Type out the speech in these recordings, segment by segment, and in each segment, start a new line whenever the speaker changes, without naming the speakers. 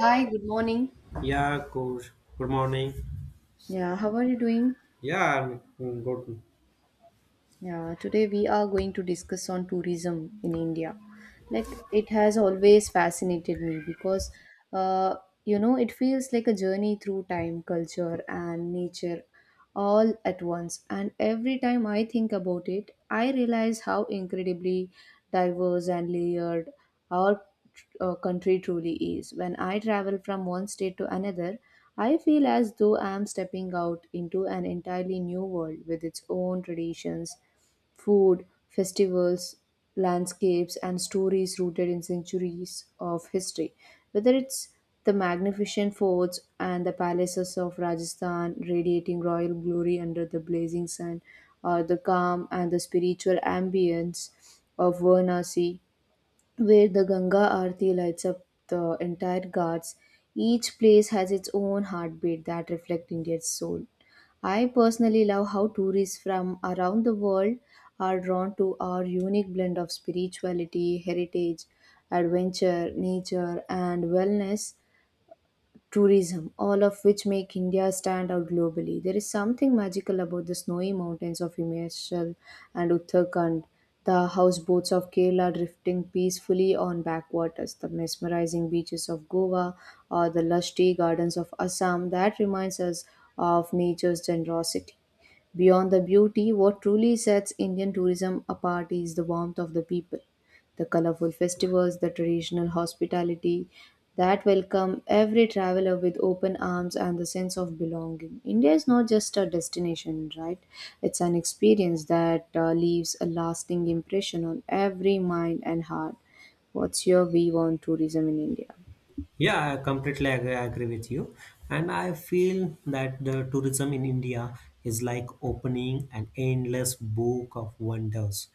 Hi, good morning.
Yeah, good. Good morning.
Yeah, how are you doing?
Yeah, I'm good.
Yeah, today we are going to discuss on tourism in India. Like it has always fascinated me because uh, you know it feels like a journey through time, culture, and nature all at once. And every time I think about it, I realize how incredibly diverse and layered our country truly is. When I travel from one state to another, I feel as though I am stepping out into an entirely new world with its own traditions food, festivals, landscapes, and stories rooted in centuries of history. Whether it's the magnificent forts and the palaces of Rajasthan radiating royal glory under the blazing sun, or the calm and the spiritual ambience of Varanasi, where the Ganga Aarti lights up the entire Ghats. Each place has its own heartbeat that reflects India's soul. I personally love how tourists from around the world are drawn to our unique blend of spirituality, heritage, adventure, nature, and wellness tourism, all of which make India stand out globally. There is something magical about the snowy mountains of Himachal and Uttarakhand, the houseboats of Kerala drifting peacefully on backwaters, the mesmerizing beaches of Goa, or the lush tea gardens of Assam that reminds us of nature's generosity. Beyond the beauty, what truly sets Indian tourism apart is the warmth of the people the colorful festivals, the traditional hospitality that welcome every traveler with open arms and the sense of belonging. India is not just a destination, right? It's an experience that leaves a lasting impression on every mind and heart. What's your view on tourism in India?
Yeah, I completely agree with you. And I feel that the tourism in India is like opening an endless book of wonders,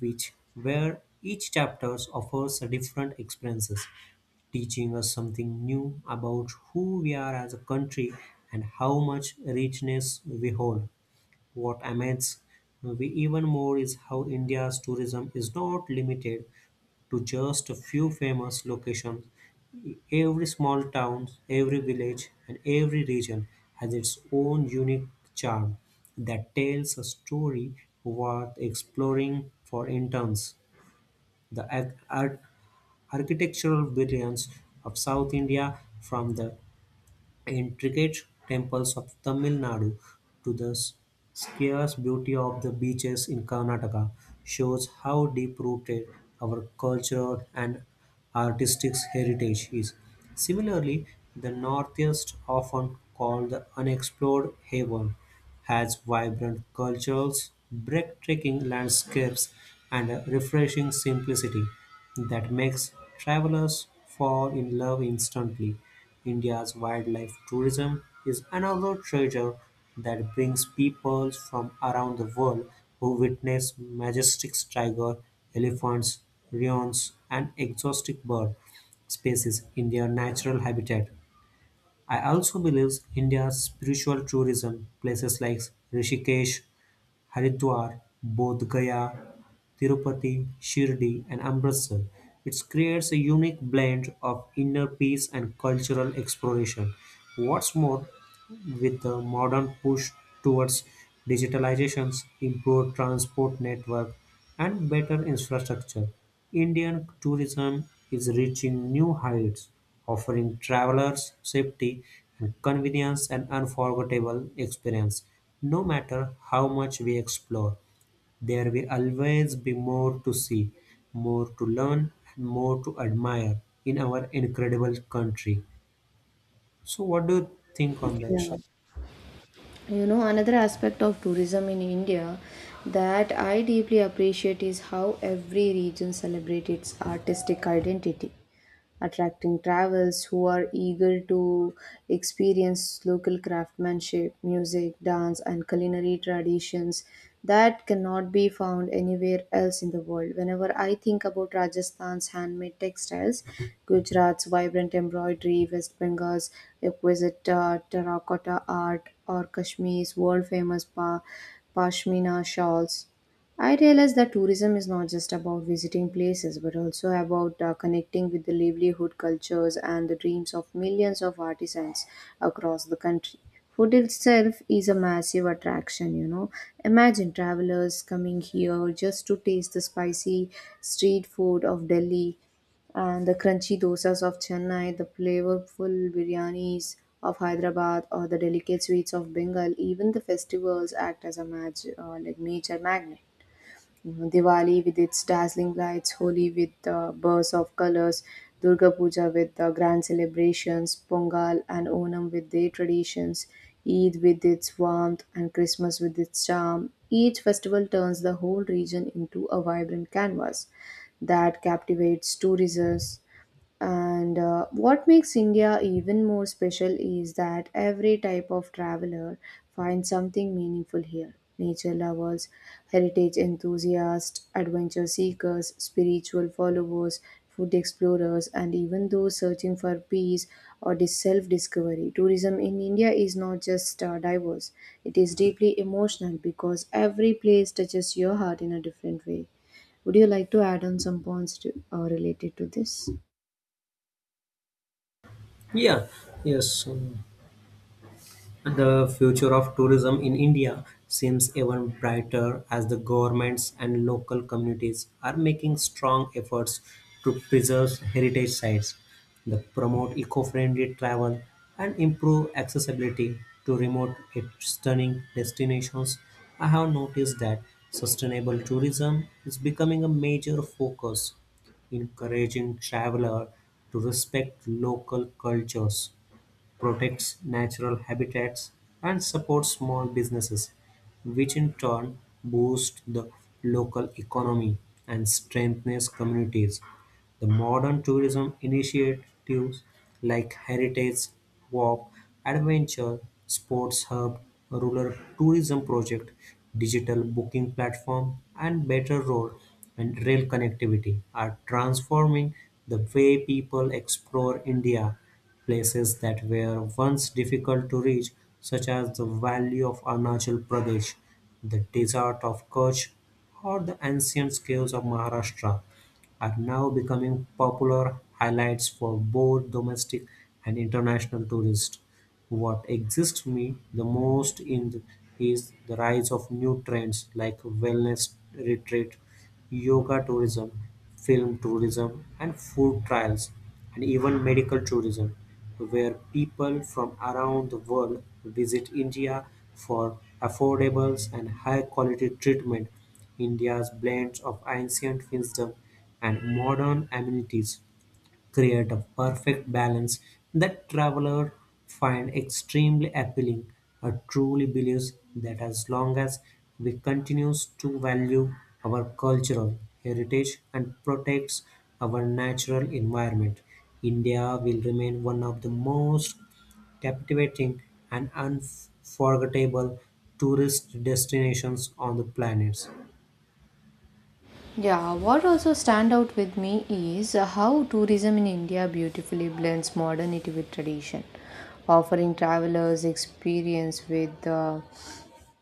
which where each chapter offers a different experiences, teaching us something new about who we are as a country and how much richness we hold. What amazes we even more is how India's tourism is not limited to just a few famous locations. Every small town, every village, and every region has its own unique charm that tells a story worth exploring for interns. The architectural brilliance of South India, from the intricate temples of Tamil Nadu to the scarce beauty of the beaches in Karnataka shows how deep rooted our cultural and artistic heritage is. Similarly, the Northeast, often called the unexplored haven, has vibrant cultures, breathtaking landscapes, and a refreshing simplicity that makes travelers fall in love instantly. India's wildlife tourism is another treasure that brings people from around the world who witness majestic tiger, elephants, lions, and exotic bird species in their natural habitat. I also believe India's spiritual tourism, places like Rishikesh Haridwar, Bodh Gaya, Tirupati, Shirdi and Amritsar. It creates a unique blend of inner peace and cultural exploration. What's more, with the modern push towards digitalizations, improved transport network, and better infrastructure, Indian tourism is reaching new heights, offering travelers safety and convenience and unforgettable experience. No matter how much we explore, there will always be more to see, more to learn, and more to admire in our incredible country. So, what do you think on that?
Yeah. You know another aspect of tourism in India that I deeply appreciate is how every region celebrates its artistic identity attracting travelers who are eager to experience local craftsmanship music dance and culinary traditions that cannot be found anywhere else in the world. Whenever I think about Rajasthan's handmade textiles, Gujarat's vibrant embroidery, West Bengal's exquisite terracotta art, or Kashmir's world famous pashmina shawls, I realize that tourism is not just about visiting places but also about connecting with the livelihood cultures and the dreams of millions of artisans across the country. Food itself is a massive attraction, you know. Imagine travelers coming here just to taste the spicy street food of Delhi and the crunchy dosas of Chennai, the flavorful biryanis of Hyderabad, or the delicate sweets of Bengal. Even the festivals act as a like nature magnet you know, Diwali with its dazzling lights, Holi with the bursts of colors, Durga Puja with the grand celebrations, Pongal and Onam with their traditions, Eid with its warmth, and Christmas with its charm. Each festival turns the whole region into a vibrant canvas that captivates tourists and what makes India even more special is that every type of traveler finds something meaningful here. Nature lovers, heritage enthusiasts, adventure seekers, spiritual followers, food explorers, and even those searching for peace or self discovery. Tourism in India is not just diverse, it is deeply emotional because every place touches your heart in a different way. Would you like to add on some points to, related to this?
Yeah, yes. The future of tourism in India seems even brighter as the governments and local communities are making strong efforts to preserve heritage sites, that promote eco-friendly travel, and improve accessibility to remote yet stunning destinations. I have noticed that sustainable tourism is becoming a major focus, encouraging travelers to respect local cultures protects natural habitats, and supports small businesses, which in turn boost the local economy and strengthens communities. The modern tourism initiatives like Heritage Walk, Adventure Sports Hub, Rural Tourism Project, Digital Booking Platform, and Better Road and Rail Connectivity are transforming the way people explore India. Places that were once difficult to reach, such as the valley of Arunachal Pradesh, the desert of Kutch, or the ancient caves of Maharashtra are now becoming popular highlights for both domestic and international tourists. What excites me the most in the, is the rise of new trends like wellness retreat, yoga tourism, film tourism, and food trials, and even medical tourism, where people from around the world visit India for affordable and high quality treatment. India's blend of ancient wisdom and modern amenities create a perfect balance that travelers find extremely appealing. I truly believes that as long as we continues to value our cultural heritage and protects our natural environment, India will remain one of the most captivating and unforgettable tourist destinations on the planet.
Yeah, what also stand out with me is how tourism in India beautifully blends modernity with tradition, offering travelers experience with the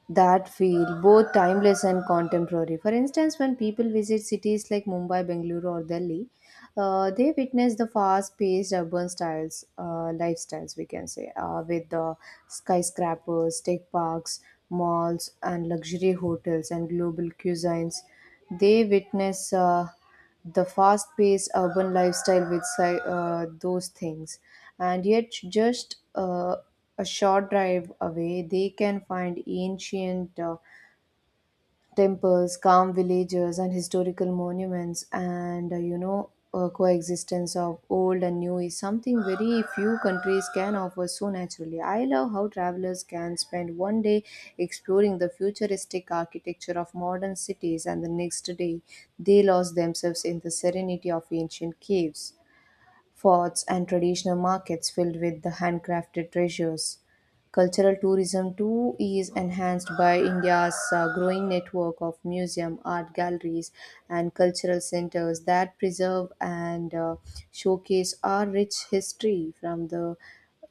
that feel both timeless and contemporary. For instance, when people visit cities like Mumbai, Bengaluru, or Delhi, they witness the fast-paced urban styles, lifestyles we can say, with the skyscrapers, tech parks, malls, and luxury hotels and global cuisines. They witness. The fast-paced urban lifestyle with those things and yet just a short drive away they can find ancient temples, calm villages, and historical monuments, and coexistence of old and new is something very few countries can offer so naturally. I love how travelers can spend one day exploring the futuristic architecture of modern cities, and the next day they lost themselves in the serenity of ancient caves forts, and traditional markets filled with the handcrafted treasures. Cultural tourism too is enhanced by India's growing network of museum, art galleries, and cultural centers that preserve and showcase our rich history from the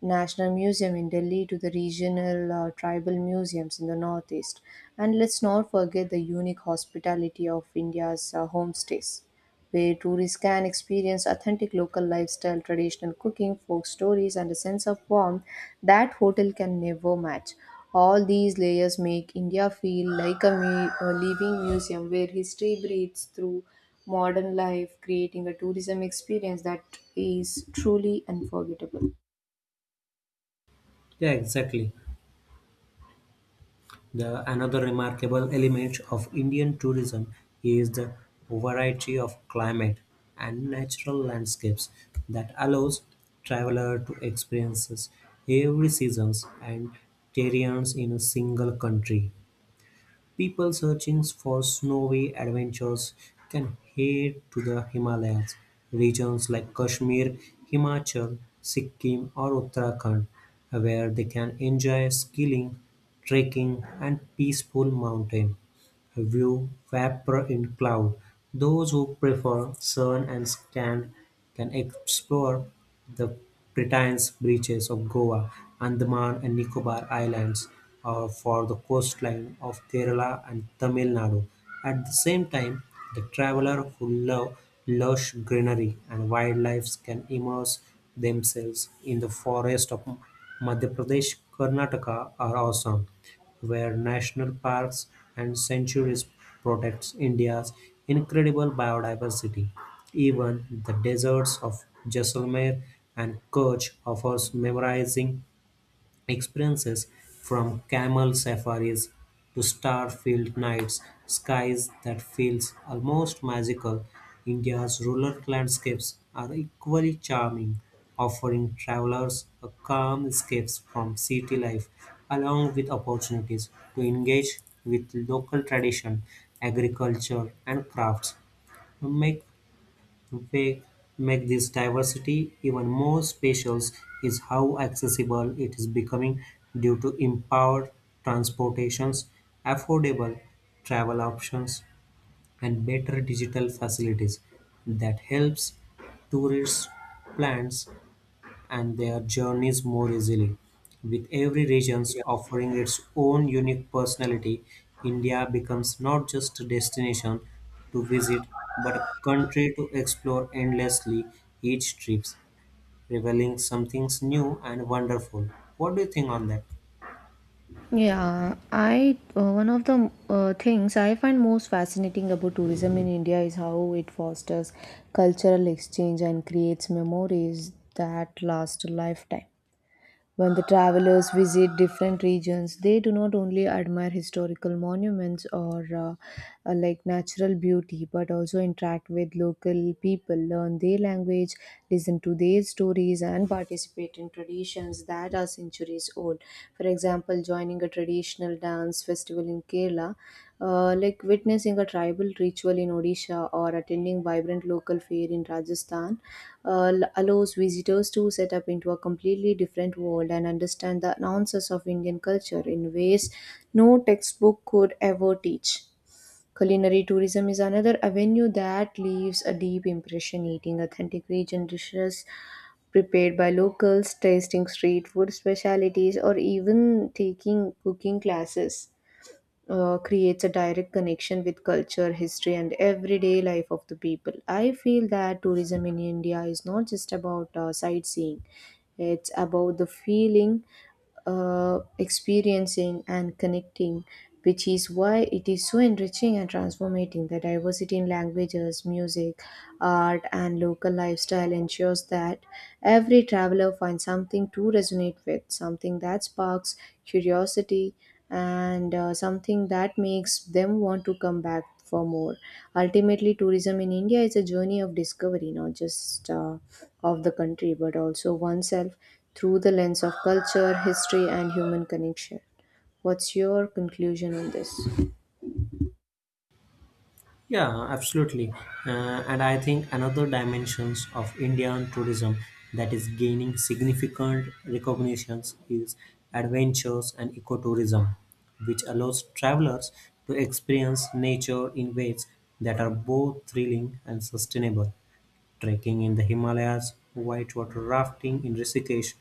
National Museum in Delhi to the regional tribal museums in the Northeast. And let's not forget the unique hospitality of India's homestays where tourists can experience authentic local lifestyle, traditional cooking, folk stories, and a sense of warmth that hotel can never match. All these layers make India feel like a living museum where history breathes through modern life, creating a tourism experience that is truly unforgettable.
Yeah, exactly. The another remarkable element of Indian tourism is the variety of climate and natural landscapes that allows traveler to experience every seasons and terrains in a single country. People searching for snowy adventures can head to the Himalayas. Regions like Kashmir, Himachal, Sikkim, or Uttarakhand, where they can enjoy skiing, trekking, and peaceful mountain view vapor in cloud. Those who prefer sun and sand can explore the Britain's beaches of Goa, Andaman and Nicobar Islands, or for the coastline of Kerala and Tamil Nadu. At the same time, the traveler who love lush greenery and wildlife can immerse themselves in the forest of Madhya Pradesh, Karnataka, or Assam where national parks and sanctuaries protect India's incredible biodiversity. Even the deserts of Jaisalmer and Kutch offers mesmerizing experiences from camel safaris to star-filled nights, skies that feels almost magical, India's rural landscapes are equally charming, offering travelers a calm escape from city life along with opportunities to engage with local tradition, agriculture and crafts. Make what make this diversity even more special is how accessible it is becoming due to empowered transportations, affordable travel options, and better digital facilities that helps tourists plans and their journeys more easily. With every region offering its own unique personality, India becomes not just a destination to visit but a country to explore endlessly each trip, revealing something new and wonderful. What do you think on that?
Yeah, I One of the things I find most fascinating about tourism in India is how it fosters cultural exchange and creates memories that last a lifetime. When the travelers visit different regions, they do not only admire historical monuments or like natural beauty, but also interact with local people, learn their language, listen to their stories, and participate in traditions that are centuries old. For example, joining a traditional dance festival in Kerala like witnessing a tribal ritual in Odisha or attending vibrant local fair in Rajasthan allows visitors to set up into a completely different world and understand the nuances of Indian culture in ways no textbook could ever teach. Culinary tourism is another avenue that leaves a deep impression eating authentic region dishes prepared by locals, tasting street food specialties, or even taking cooking classes creates a direct connection with culture, history, and everyday life of the people. I feel that tourism in India is not just about sightseeing, it's about the feeling, experiencing, and connecting. Which is why it is so enriching and transformating the diversity in languages, music, art, and local lifestyle ensures that every traveler finds something to resonate with, something that sparks curiosity, and something that makes them want to come back for more. Ultimately, tourism in India is a journey of discovery, not just of the country, but also oneself through the lens of culture, history, and human connection. What's your conclusion on this?
Yeah, absolutely. And I think another dimensions of Indian tourism that is gaining significant recognitions is adventures and ecotourism, which allows travelers to experience nature in ways that are both thrilling and sustainable. Trekking in the Himalayas, whitewater rafting in Rishikesh,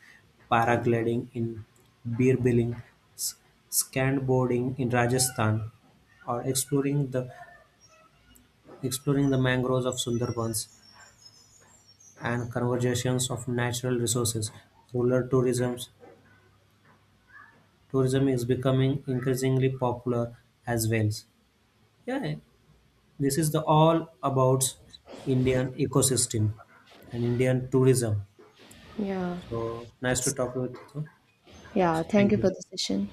paragliding in Birbiling, s- skateboarding in Rajasthan, or exploring the mangroves of Sundarbans and conservation of natural resources, rural tourism is becoming increasingly popular as well. Yeah, this is the all about Indian ecosystem and Indian tourism.
Yeah.
So nice to talk with you.
Yeah.
So,
Thank
thank
you for
you.
the session.